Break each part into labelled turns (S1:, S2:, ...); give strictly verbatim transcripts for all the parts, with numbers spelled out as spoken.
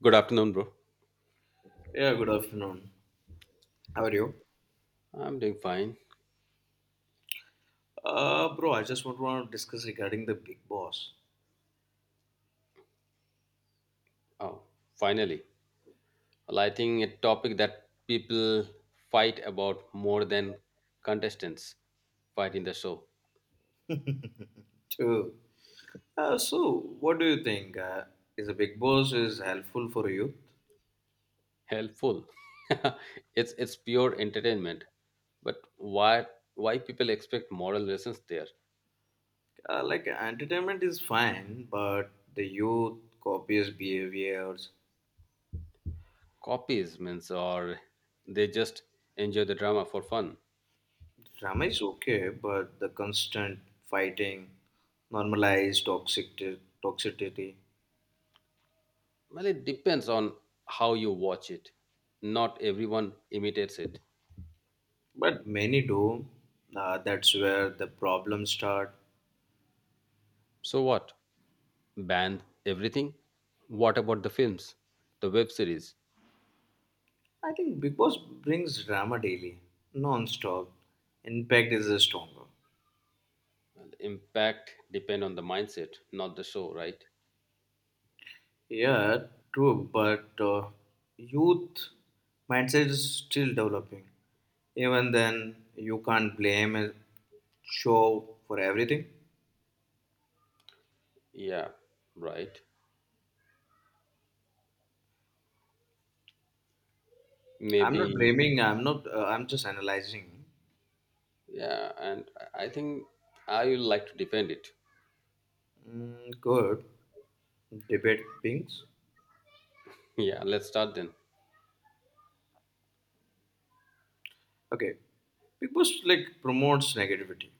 S1: Good afternoon, bro.
S2: Yeah, good afternoon. How are you?
S1: I'm doing fine.
S2: Uh, bro, I just want to discuss regarding the Big Boss.
S1: Oh, finally, lighting a topic that people fight about more than contestants fight in the show.
S2: Too. Uh, so, what do you think? Uh, is the Big Boss is helpful for youth?
S1: Helpful. it's it's pure entertainment. But why why people expect moral lessons there?
S2: Uh, like entertainment is fine, but the youth copious behaviors.
S1: Copies means or they just enjoy the drama for fun.
S2: Drama is okay, but the constant fighting, normalized toxicity, toxicity.
S1: Well, it depends on how you watch it. Not everyone imitates it.
S2: But many do. Uh, that's where the problems start.
S1: So what? Banned everything? What about the films, the web series?
S2: I think Big Boss brings drama daily, non-stop. Impact is stronger.
S1: Impact depend on the mindset, not the show, right?
S2: Yeah, true, but uh, youth mindset is still developing. Even then, you can't blame a show for everything.
S1: Yeah, right.
S2: I'm not
S1: Maybe,
S2: blaming. I'm not. Uh, I'm just analyzing.
S1: yeah, and I I think I will like to defend it.
S2: Mm, good debate things.
S1: Yeah, let's start then.
S2: Okay, Big Boss like promotes negativity,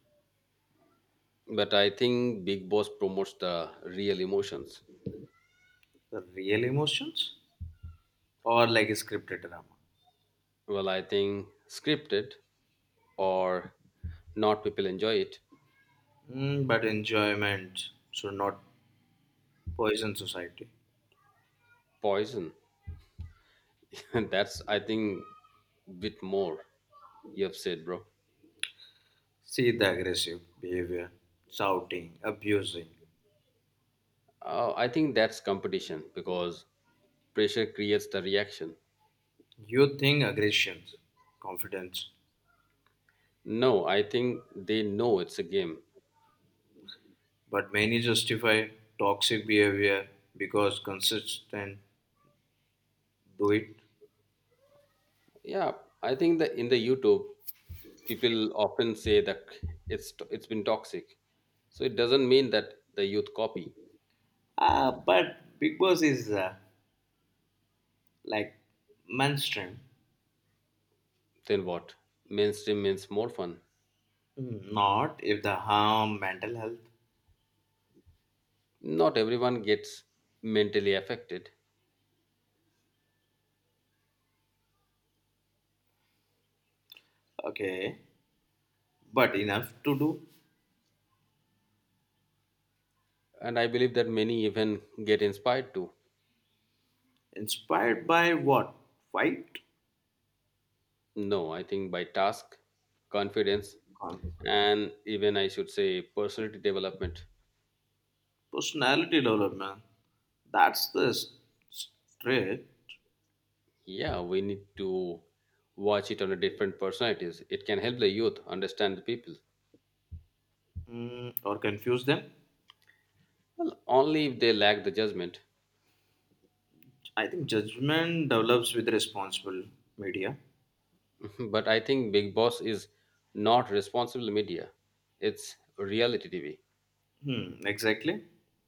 S1: But I think Big Boss promotes the real emotions.
S2: the real emotions, or like a scripted drama.
S1: Well, I think scripted or not, people enjoy it.
S2: Mm, but enjoyment should not poison society.
S1: Poison. That's, I think, bit more you have said, bro.
S2: See the aggressive behavior, shouting, abusing.
S1: Uh, I think that's competition because pressure creates the reaction.
S2: You think aggression, confidence,
S1: No, I think they know it's a game.
S2: but many justify toxic behavior because consistent do it.
S1: Yeah, I think that in the YouTube, people often say that it's it's been toxic. So it doesn't mean that the youth copy.
S2: Ah, but Big Boss is uh, like mainstream.
S1: Then what? Mainstream means more fun.
S2: Mm, not if the harm mental health.
S1: Not everyone gets mentally affected,
S2: Okay, but enough to do.
S1: and I believe that many even get inspired too.
S2: Inspired by what? Fight?
S1: No, I think by task, confidence,
S2: Con-
S1: and even I should say personality development.
S2: personality development. That's the strict
S1: Yeah, we need to watch it on a different personalities. It can help the youth understand the people.
S2: mm, or confuse them.
S1: Well, only if they lack the judgment.
S2: I think judgment develops with responsible media.
S1: But I think Big Boss is not responsible media. It's reality T V.
S2: Hmm, exactly.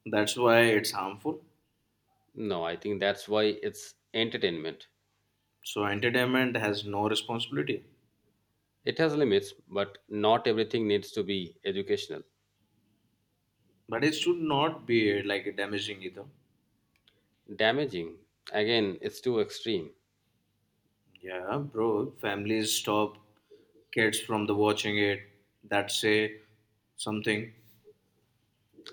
S2: That's why it's harmful.
S1: No, I think that's why it's entertainment.
S2: So entertainment has no responsibility.
S1: It has limits, but not everything needs to be educational.
S2: But it should not be like damaging either.
S1: Damaging, again, it's too extreme.
S2: Yeah, bro. Families stop kids from the watching it. That say something.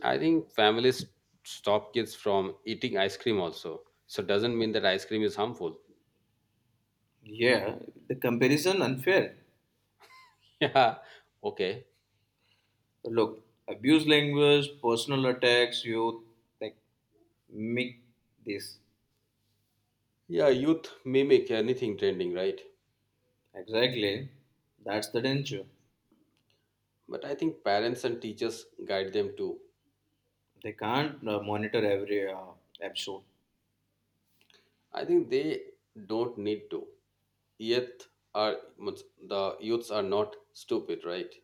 S1: I think families stop kids from eating ice cream also. So doesn't mean that ice cream is harmful.
S2: Yeah, the comparison unfair.
S1: Yeah, okay.
S2: Look, abuse language, personal attacks, you like make this.
S1: Yeah, youth mimic anything trending, right?
S2: Exactly. That's the danger.
S1: But I think parents and teachers guide them too.
S2: They can't uh, monitor every uh, episode.
S1: I think they don't need to. Yet are means the youths are not stupid, right?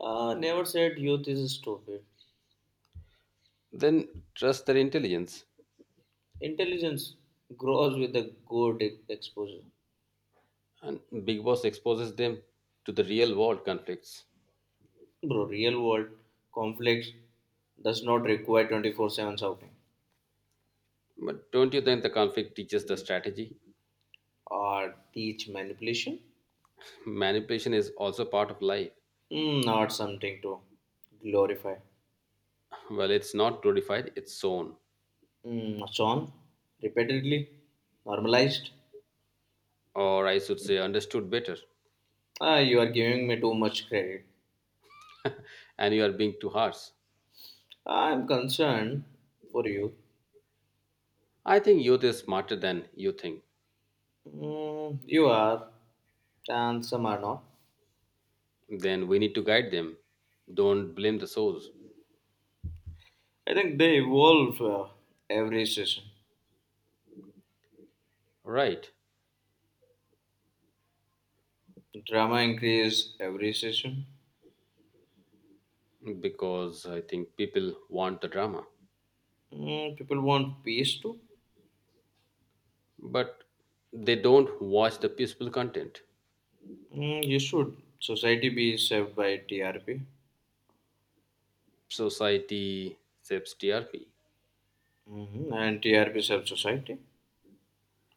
S2: Uh, never said youth is stupid.
S1: Then trust their intelligence,
S2: Intelligence grows with the good e- exposure.
S1: and Big Boss exposes them to the real world conflicts.
S2: Bro, real world conflicts does not require twenty-four seven shouting
S1: But don't you think the conflict teaches the strategy?
S2: or teach manipulation.
S1: Manipulation is also part of life.
S2: Mm, not something to glorify.
S1: Well, it's not glorified; it's shown,
S2: Mm, Sean, repeatedly, normalized.
S1: or I should say, understood better.
S2: Ah, you are giving me too much credit.
S1: And you are being too harsh.
S2: I am concerned for you.
S1: I think youth is smarter than you think.
S2: Mm, you are, and some are not.
S1: Then we need to guide them. Don't blame the source.
S2: I think they evolve uh, every session.
S1: Right.
S2: Drama increase every session.
S1: Because I think people want the drama,
S2: Mm, people want peace too.
S1: but they don't watch the peaceful content.
S2: Mm, you should. Society be served by T R P.
S1: Society saves T R P.
S2: Hmm. And T R P serves society.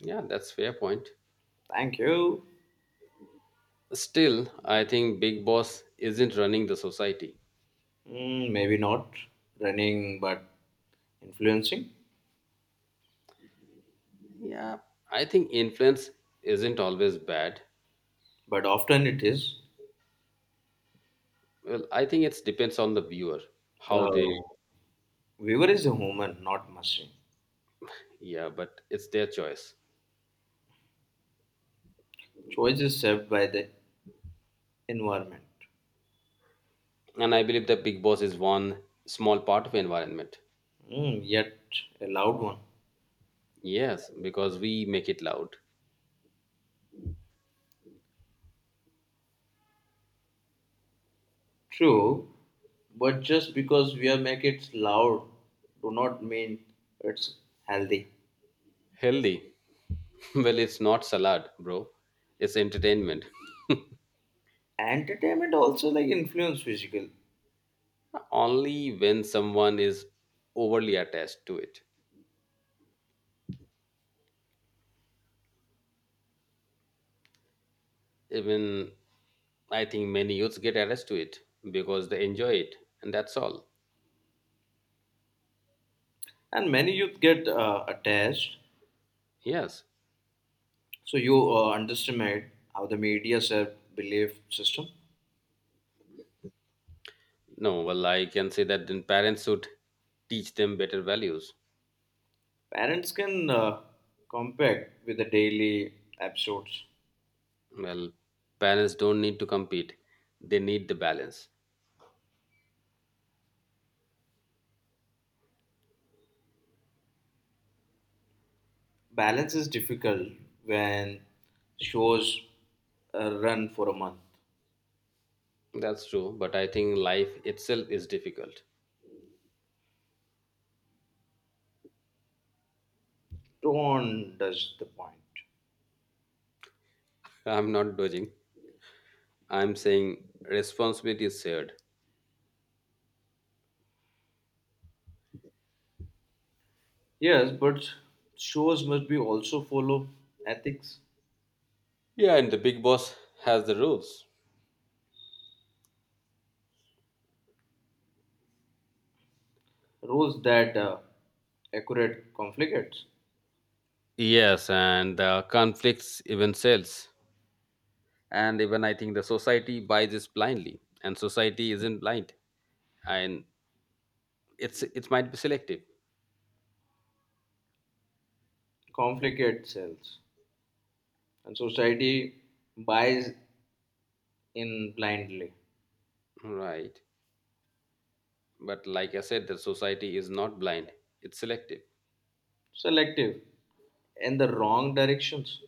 S1: Yeah, that's fair point.
S2: Thank you.
S1: Still, I think Big Boss isn't running the society.
S2: Mm, maybe not running, but influencing.
S1: Yeah, I think influence isn't always bad.
S2: But often it is.
S1: Well, I think it depends on the viewer, how they,
S2: The viewer is a human, not machine.
S1: yeah, but it's their choice.
S2: Choice is shaped by the environment.
S1: And I believe that big boss is one small part of environment.
S2: Mm, yet a loud one.
S1: Yes because we make it loud.
S2: True, but just because we are make it loud, do not mean it's healthy.
S1: Healthy. Well it's not salad bro, it's entertainment.
S2: Entertainment also like influence physical,
S1: Only when someone is overly attached to it, even I think many youths get attached to it because they enjoy it and that's all.
S2: and many youth get uh, attached.
S1: Yes.
S2: So you uh, underestimate how the media shape belief system.
S1: No, well I can say that then parents should teach them better values.
S2: Parents can uh, compact with the daily episodes.
S1: Well parents don't need to compete, they need the balance.
S2: Balance is difficult when shows uh, run for a month.
S1: That's true, but I think life itself is difficult.
S2: Don't does the point.
S1: I'm not dodging. I'm saying responsibility is shared.
S2: Yes, but shows must be also follow ethics
S1: Yeah, and the big boss has the rules.
S2: rules that uh, accurate conflicts,
S1: Yes, and the conflicts even sells. And even I think the society buys this blindly, and society isn't blind, and it's it might be selective,
S2: conflict sells, and society buys in blindly,
S1: right? But like I said, the society is not blind; it's selective.
S2: selective, in the wrong directions.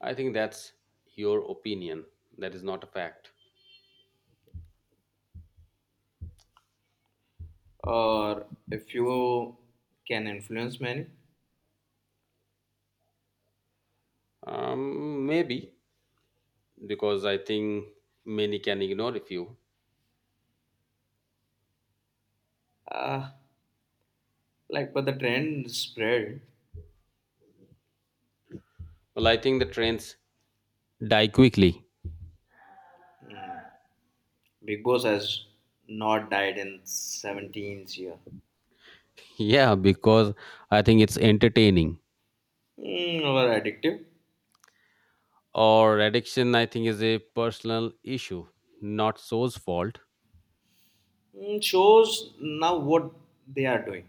S1: I think that's your opinion. That is not a fact.
S2: Or a few can influence many.
S1: Um, maybe because I think many can ignore if you.
S2: Uh, like, but the trend spread.
S1: Well, I think the trends die quickly.
S2: Big Boss has not died in seventeenth year.
S1: Yeah, because I think it's entertaining.
S2: Mm, over addictive.
S1: Or addiction, I think, is a personal issue, not soul's fault.
S2: Mm, shows now what they are doing.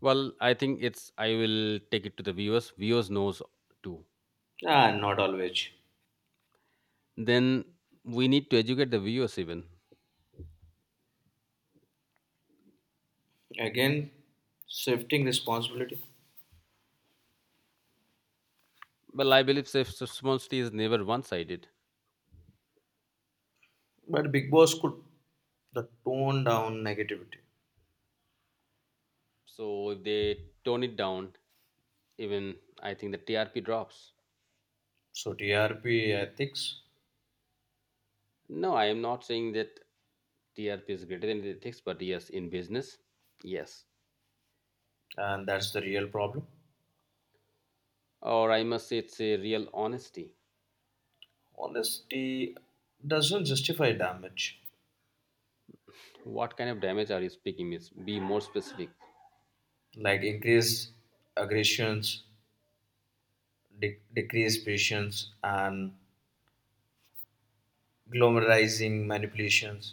S1: Well, I think it's I will take it to the viewers. Viewers knows too.
S2: Ah, not always.
S1: Then we need to educate the viewers even.
S2: Again, shifting responsibility.
S1: Well, I believe self-responsibility is never one-sided.
S2: But Big Boss could the tone down negativity.
S1: So if they tone it down, even I think the T R P drops.
S2: So T R P ethics,
S1: No, I am not saying that T R P is greater than ethics, but yes, in business, yes.
S2: and that's the real problem.
S1: Or I must say it's a real honesty.
S2: Honesty doesn't justify damage.
S1: What kind of damage are you speaking? Miss? Be more specific.
S2: Like increased aggressions, de- decreased patience, and glamorizing manipulations.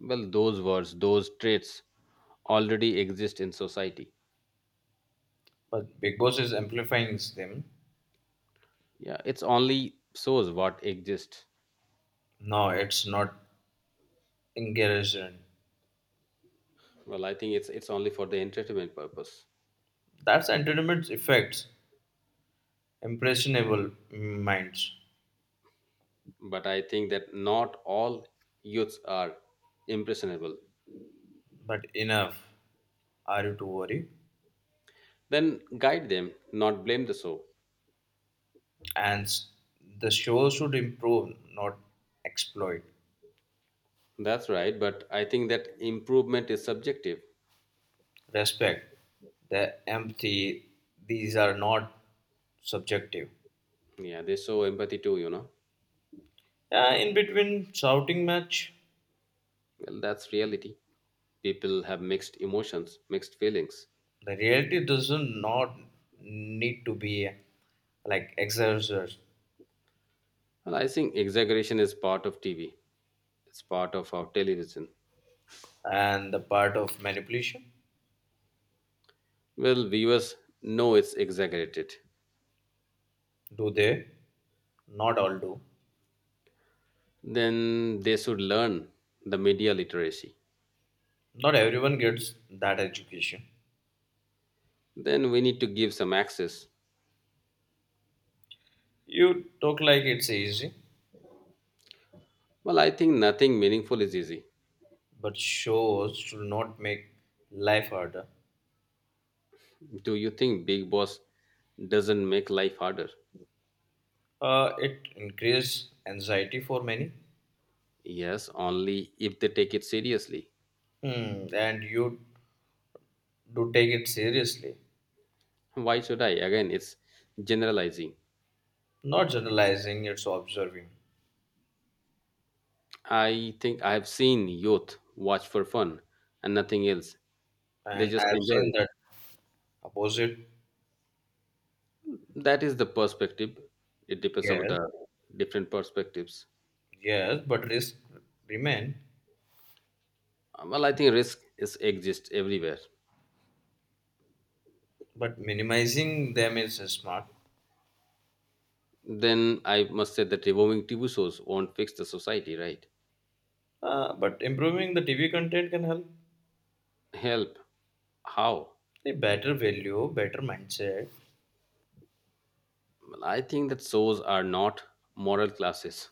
S1: Well, those words, those traits already exist in society.
S2: But Big Boss is amplifying them.
S1: Yeah, it's only shows what exists.
S2: No, it's not encouraging.
S1: Well, I think it's it's only for the entertainment purpose.
S2: That's entertainment effects, impressionable minds.
S1: But I think that not all youths are impressionable.
S2: But enough, are you to worry?
S1: Then guide them, not blame the show.
S2: And s- the show should improve, not exploit.
S1: That's right, but I think that improvement is subjective.
S2: Respect, the empathy, these are not subjective.
S1: Yeah, they show empathy too, you know.
S2: Uh, in between shouting match,
S1: Well, that's reality. People have mixed emotions, mixed feelings.
S2: the reality doesn't not need to be uh, like exercised
S1: Well, I think exaggeration is part of T V. It's part of our television.
S2: and the part of manipulation.
S1: Well, viewers know it's exaggerated.
S2: Do they? Not all do.
S1: Then they should learn the media literacy.
S2: Not everyone gets that education.
S1: Then we need to give some access.
S2: You talk like it's easy,
S1: Well, I think nothing meaningful is easy.
S2: but shows should not make life harder.
S1: Do you think Big Boss doesn't make life harder?
S2: Uh, it increases anxiety for many.
S1: Yes, only if they take it seriously.
S2: Hmm, and you do take it seriously.
S1: Why should I? Again, it's generalizing.
S2: Not generalizing, it's observing.
S1: I think I've seen youth watch for fun and nothing else. They
S2: And
S1: just
S2: I've
S1: enjoy
S2: seen that opposite,
S1: it. That is the perspective. It depends on
S2: yes,
S1: the different perspectives.
S2: yes, but risks remain.
S1: Uh, Well, I think risk is exists everywhere.
S2: But minimizing them is smart.
S1: Then I must say that removing T V shows won't fix the society, right?
S2: Uh, but improving the T V content can help.
S1: Help. How?
S2: The better value, better mindset.
S1: Well, I think that shows are not moral classes.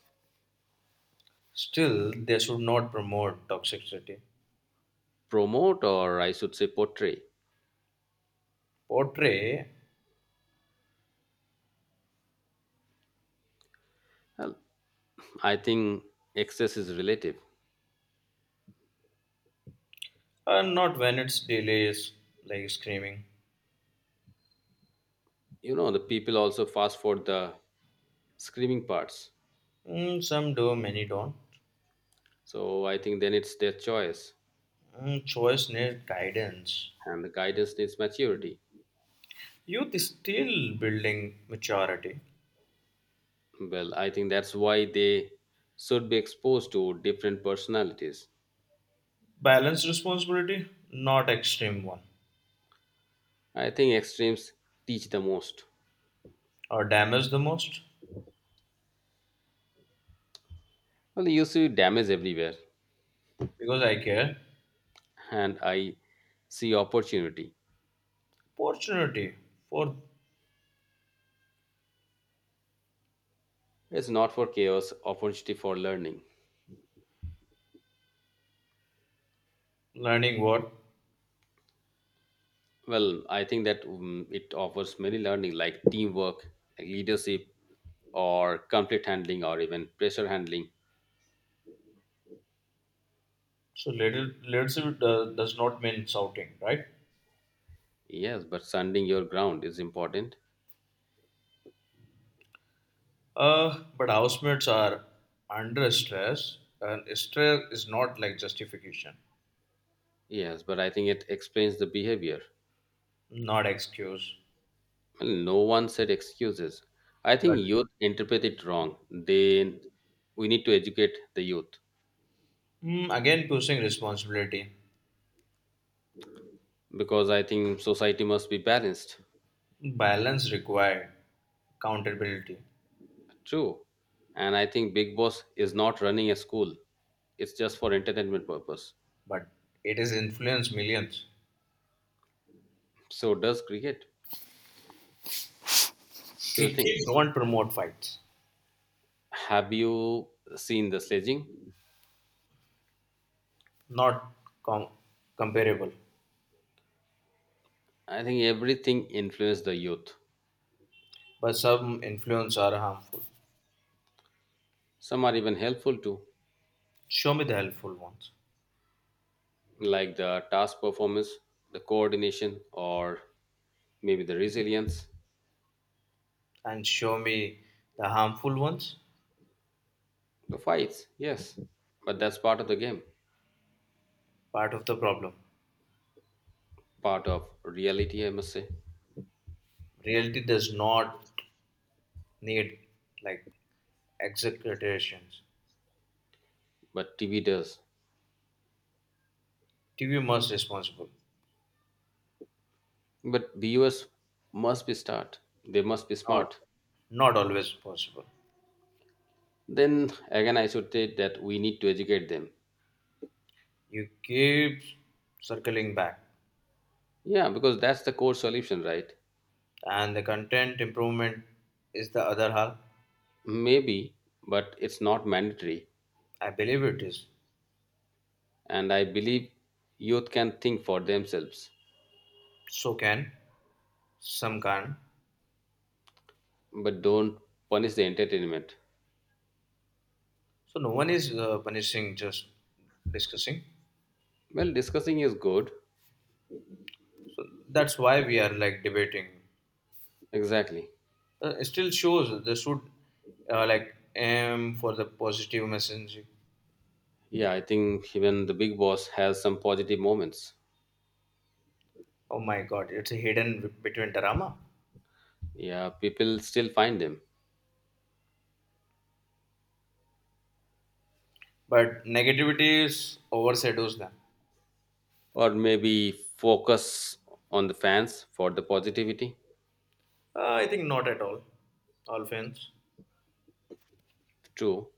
S2: Still, they should not promote toxicity.
S1: Promote, or I should say, portray.
S2: Portray,
S1: Well, I think excess is relative.
S2: and not when it's delays like screaming.
S1: You know, the people also fast for the screaming parts.
S2: Mm, some do, many don't.
S1: So I think then it's their choice,
S2: Mm, choice needs guidance.
S1: and the guidance needs maturity.
S2: Youth is still building maturity.
S1: Well, I think that's why they should be exposed to different personalities.
S2: Balanced responsibility, not extreme one.
S1: I think extremes teach the most.
S2: Or damaged the most
S1: Well, you see damage everywhere,
S2: because I care.
S1: and I see opportunity.
S2: Opportunity for
S1: It's not for chaos, opportunity for learning.
S2: learning what.
S1: Well, I think that mm it offers many learning like teamwork, like leadership, or conflict handling, or even pressure handling.
S2: So leader- leadership do- does not mean shouting, right?
S1: Yes, but standing your ground is important.
S2: Uh, but housemates are under stress, and stress is not like justification,
S1: Yes, but I think it explains the behavior.
S2: not excuse.
S1: Well, no one said excuses. I
S2: But
S1: think youth interpret it wrong. They we need to educate the youth
S2: mm, again, pushing responsibility,
S1: because I think society must be balanced.
S2: balance required, accountability,
S1: True. And I think Big Boss is not running a school. It's just for entertainment purpose.
S2: but it is influence millions.
S1: So does cricket. Do you think?
S2: Cricket don't promote fights,
S1: Have you seen the sledging?
S2: not com- comparable.
S1: I think everything influenced the youth.
S2: But some influence are harmful.
S1: Some are even helpful too,
S2: Show me the helpful ones
S1: like the task performance, the coordination, or maybe the resilience,
S2: and show me the harmful ones.
S1: the fights, yes. But that's part of the game,
S2: Part of the problem.
S1: part of reality, I must say.
S2: Reality does not need like exaggerations.
S1: But T V does.
S2: T V must responsible.
S1: But viewers must be smart. They must be
S2: Not
S1: smart.
S2: not always possible.
S1: Then again, I should say that we need to educate them.
S2: You keep circling back.
S1: Yeah, because that's the core solution, right?
S2: And the content improvement is the other half.
S1: Maybe, but it's not mandatory.
S2: I believe it is.
S1: And I believe youth can think for themselves,
S2: So can, some can.
S1: but don't punish the entertainment.
S2: So no one is uh, punishing, just discussing.
S1: Well, discussing is good.
S2: That's why we are like debating
S1: Exactly.
S2: uh, it still shows they should uh, like aim for the positive messaging.
S1: Yeah, I think even the big boss has some positive moments.
S2: Oh my god, it's hidden between drama,
S1: Yeah, people still find them.
S2: but negativity is overshadows them.
S1: Or maybe focus on the fans for the positivity.
S2: uh, I think not at all all fans,
S1: True,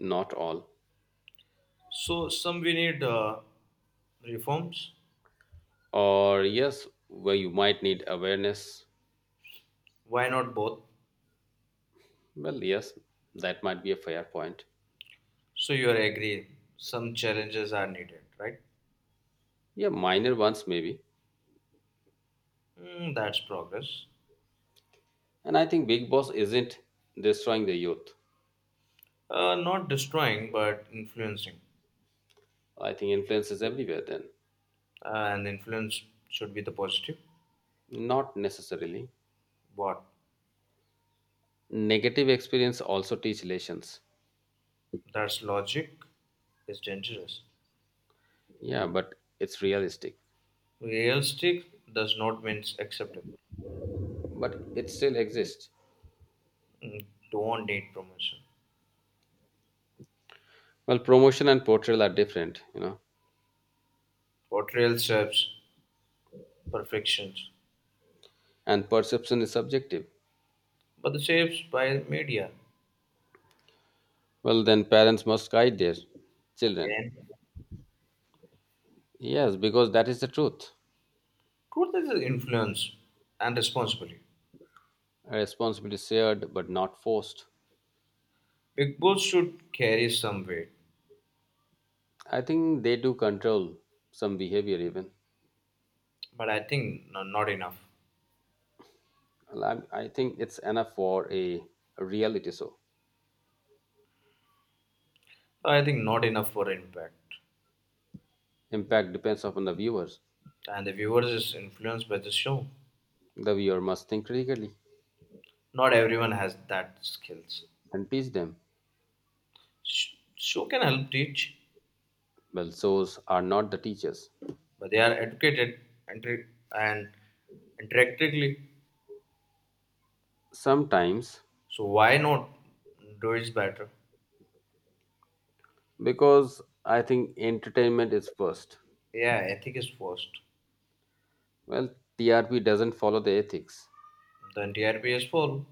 S1: not all.
S2: so some we need uh, reforms.
S1: Or yes, where you might need awareness.
S2: Why not both?
S1: Well, yes, that might be a fair point.
S2: So you are agree some challenges are needed, right?
S1: Yeah, minor ones maybe.
S2: Hmm, that's progress.
S1: And I think Big Boss isn't destroying the youth.
S2: Uh, not destroying but influencing
S1: I think influence is everywhere then.
S2: uh, and influence should be the positive.
S1: Not necessarily.
S2: But
S1: Negative experience also teach lessons.
S2: that's logic is dangerous.
S1: Yeah, but it's realistic.
S2: Realistic does not mean acceptable.
S1: But it still exists.
S2: Mm, don't need promotion.
S1: Well, promotion and portrayal are different, you know,
S2: Portrayal serves perfections,
S1: and perception is subjective.
S2: but the shapes by media.
S1: Well, then parents must guide their children.
S2: Again,
S1: Yes, because that is the truth.
S2: truth is influence and responsibility.
S1: A responsibility shared but not forced.
S2: Big Boss should carry some weight,
S1: I think they do control some behavior even.
S2: but I think no, not enough.
S1: Well, I, I think it's enough for a, a reality show.
S2: I think not enough for impact.
S1: Impact depends upon the viewers.
S2: And the viewers is influenced by the show.
S1: The viewer must think critically
S2: Not everyone has that skills.
S1: and teach them.
S2: Sh- show can help teach,
S1: Well, shows are not the teachers.
S2: but they are educated and tra- and interactively.
S1: Sometimes
S2: So why not do it better?
S1: because I think entertainment is first.
S2: Yeah, ethic is first.
S1: Well, T R P doesn't follow the ethics
S2: The entire T R P is full.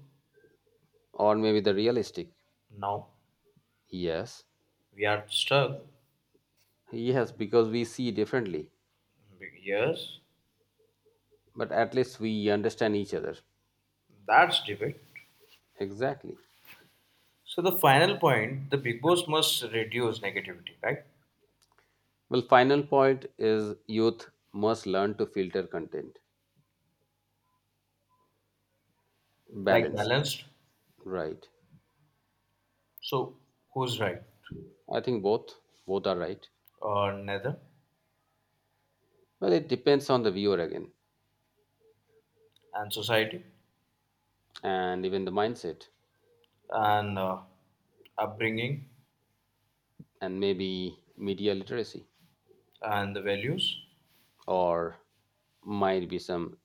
S1: or maybe the realistic.
S2: Now
S1: Yes,
S2: we are stuck.
S1: yes, because we see differently,
S2: Yes,
S1: but at least we understand each other.
S2: that's debate.
S1: Exactly.
S2: So the final point, the big boss must reduce negativity, right?
S1: Well, final point is youth must learn to filter content.
S2: Like
S1: Balance.
S2: balanced.
S1: Right.
S2: So who's right
S1: I think both both are right.
S2: or neither,
S1: Well, it depends on the viewer again
S2: and society
S1: and even the mindset
S2: and uh, upbringing
S1: and maybe media literacy.
S2: and the values.
S1: Or might be some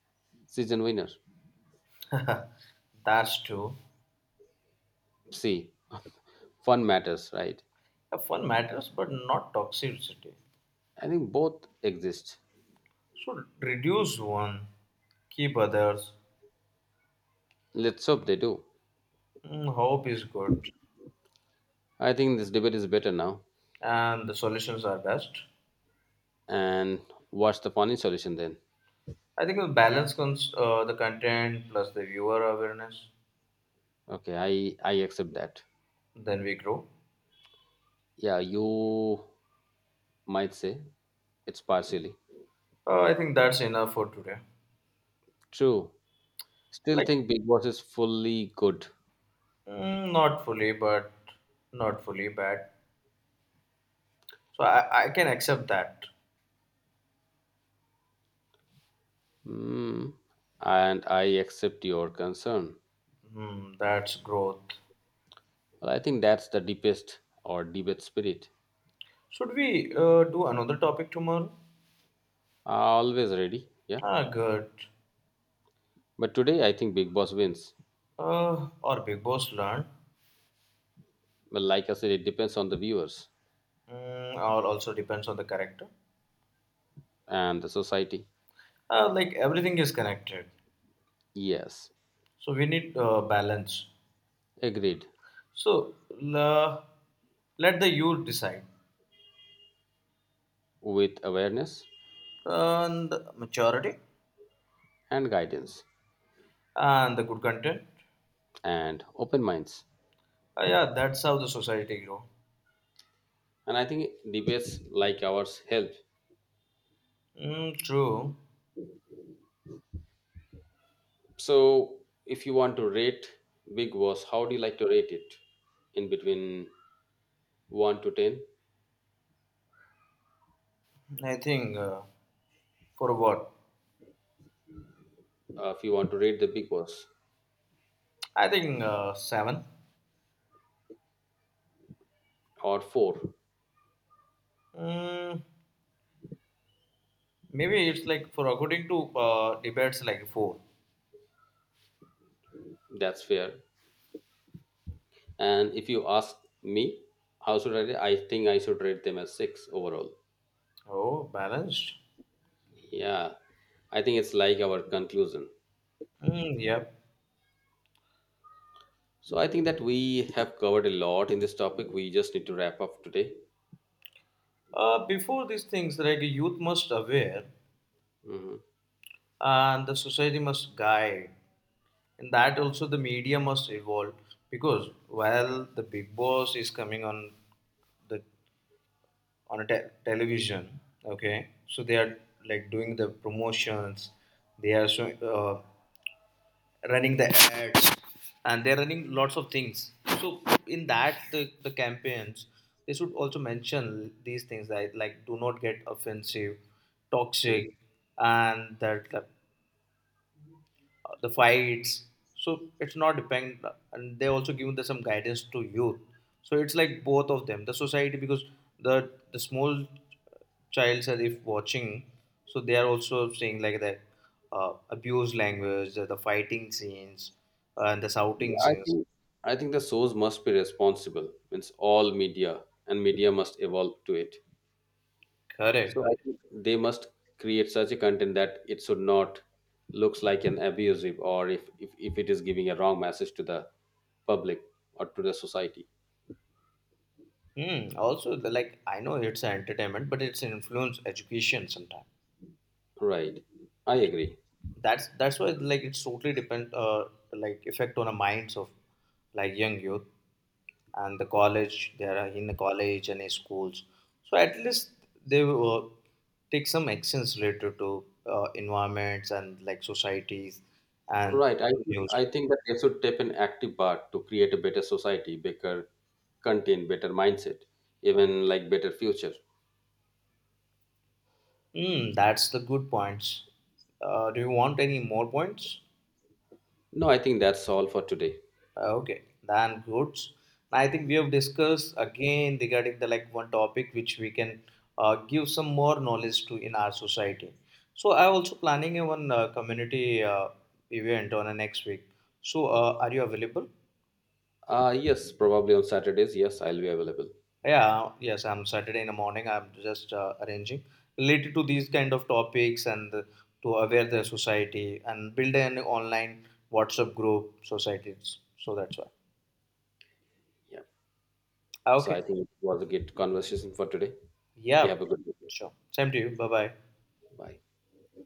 S1: season winners.
S2: That's true.
S1: See, fun matters, right?
S2: Yeah, fun matters, but not toxicity.
S1: I think both exist.
S2: So reduce one, keep others.
S1: Let's hope they do.
S2: Mm, hope is good,
S1: I think this debate is better now.
S2: and the solutions are best.
S1: And what's the funny solution then?
S2: I think the balance comes uh, the content plus the viewer awareness.
S1: Okay, I I accept that.
S2: Then we grow.
S1: Yeah, you might say it's partially
S2: Uh, I think that's enough for today.
S1: true. Still
S2: Like
S1: think Big Boss is fully good.
S2: mm, not fully, but not fully bad. So I, I can accept that.
S1: Hmm. And I accept your concern.
S2: Hmm, that's growth.
S1: Well, I think that's the deepest or debate spirit.
S2: Should we uh, do another topic tomorrow?
S1: Always ready. Yeah.
S2: Ah, good.
S1: But today, I think Big Boss wins.
S2: Uh, or big boss learned,
S1: Well, like I said, it depends on the viewers
S2: mm, or also depends on the character.
S1: and the society.
S2: Uh, like everything is connected,
S1: Yes,
S2: so we need uh, balance.
S1: agreed.
S2: So la let the youth decide
S1: With awareness
S2: and the maturity
S1: and guidance
S2: and the good content.
S1: and open minds.
S2: Uh, yeah, that's how the society grow.
S1: And I think debates like ours help.
S2: Mm, true.
S1: So, if you want to rate Big Boss, how do you like to rate it? In between one to ten?
S2: I think uh, for what?
S1: Uh, if you want to rate the Big Boss,
S2: I think uh, seven.
S1: or four,
S2: Mm, maybe it's like for according to uh, debates like four.
S1: that's fair. And if you ask me, how should I rate? I think I should rate them as six overall.
S2: Oh, balanced.
S1: Yeah, I think it's like our conclusion.
S2: Mm, yep.
S1: So I think that we have covered a lot in this topic. We just need to wrap up today.
S2: Uh, before these things, like youth must aware
S1: Hmm.
S2: and the society must guide. And that also the media must evolve because while the big boss is coming on the on a te- television, okay, so they are like doing the promotions, they are showing uh, running the ads, and they're running lots of things, so in that the, the campaigns, they should also mention these things like like do not get offensive toxic and that, that uh, the fights. So it's not depend, and they also give the some guidance to youth. So it's like both of them, the society, because the the small childs are if watching, so they are also seeing like the uh, abuse language, the, the fighting scenes, uh, and the shouting
S1: I
S2: scenes.
S1: think I think the source must be responsible. Means all media and media must evolve to it. So
S2: Correct.
S1: I think they must create such a content that it should not looks like an abusive or if, if, if it is giving a wrong message to the public or to the society.
S2: Hmm. Also, the- like I know it's an entertainment, but it's influence education sometimes.
S1: Right. I
S2: So
S1: agree.
S2: that's that's why like it's totally depend uh like effect on the minds of like young youth. And the college, they are in the college and in schools, so at least they will take some actions related to uh, environments and like societies and
S1: Right. I should,
S2: news.
S1: I think that they should take an active part to create a better society, better content, better mindset, even like better future.
S2: Mm, that's the good points. Uh, do you want any more points?
S1: No, I think that's all for today.
S2: Okay, then good. I think we have discussed again regarding the like one topic which we can uh, give some more knowledge to in our society. So I also planning a one uh, community uh, event on a next week. So uh, are you available?
S1: Uh yes, probably on Saturdays. Yes, I'll be available.
S2: Yeah, yes, I'm Saturday in the morning. I'm just uh, arranging related to these kind of topics and to aware the society and build an online WhatsApp group societies. So that's why.
S1: Yeah.
S2: Ah,
S1: So I
S2: okay.
S1: think it was a good conversation for today. You
S2: Yeah,
S1: have a good day.
S2: sure. Same to you. Bye bye.
S1: Bye.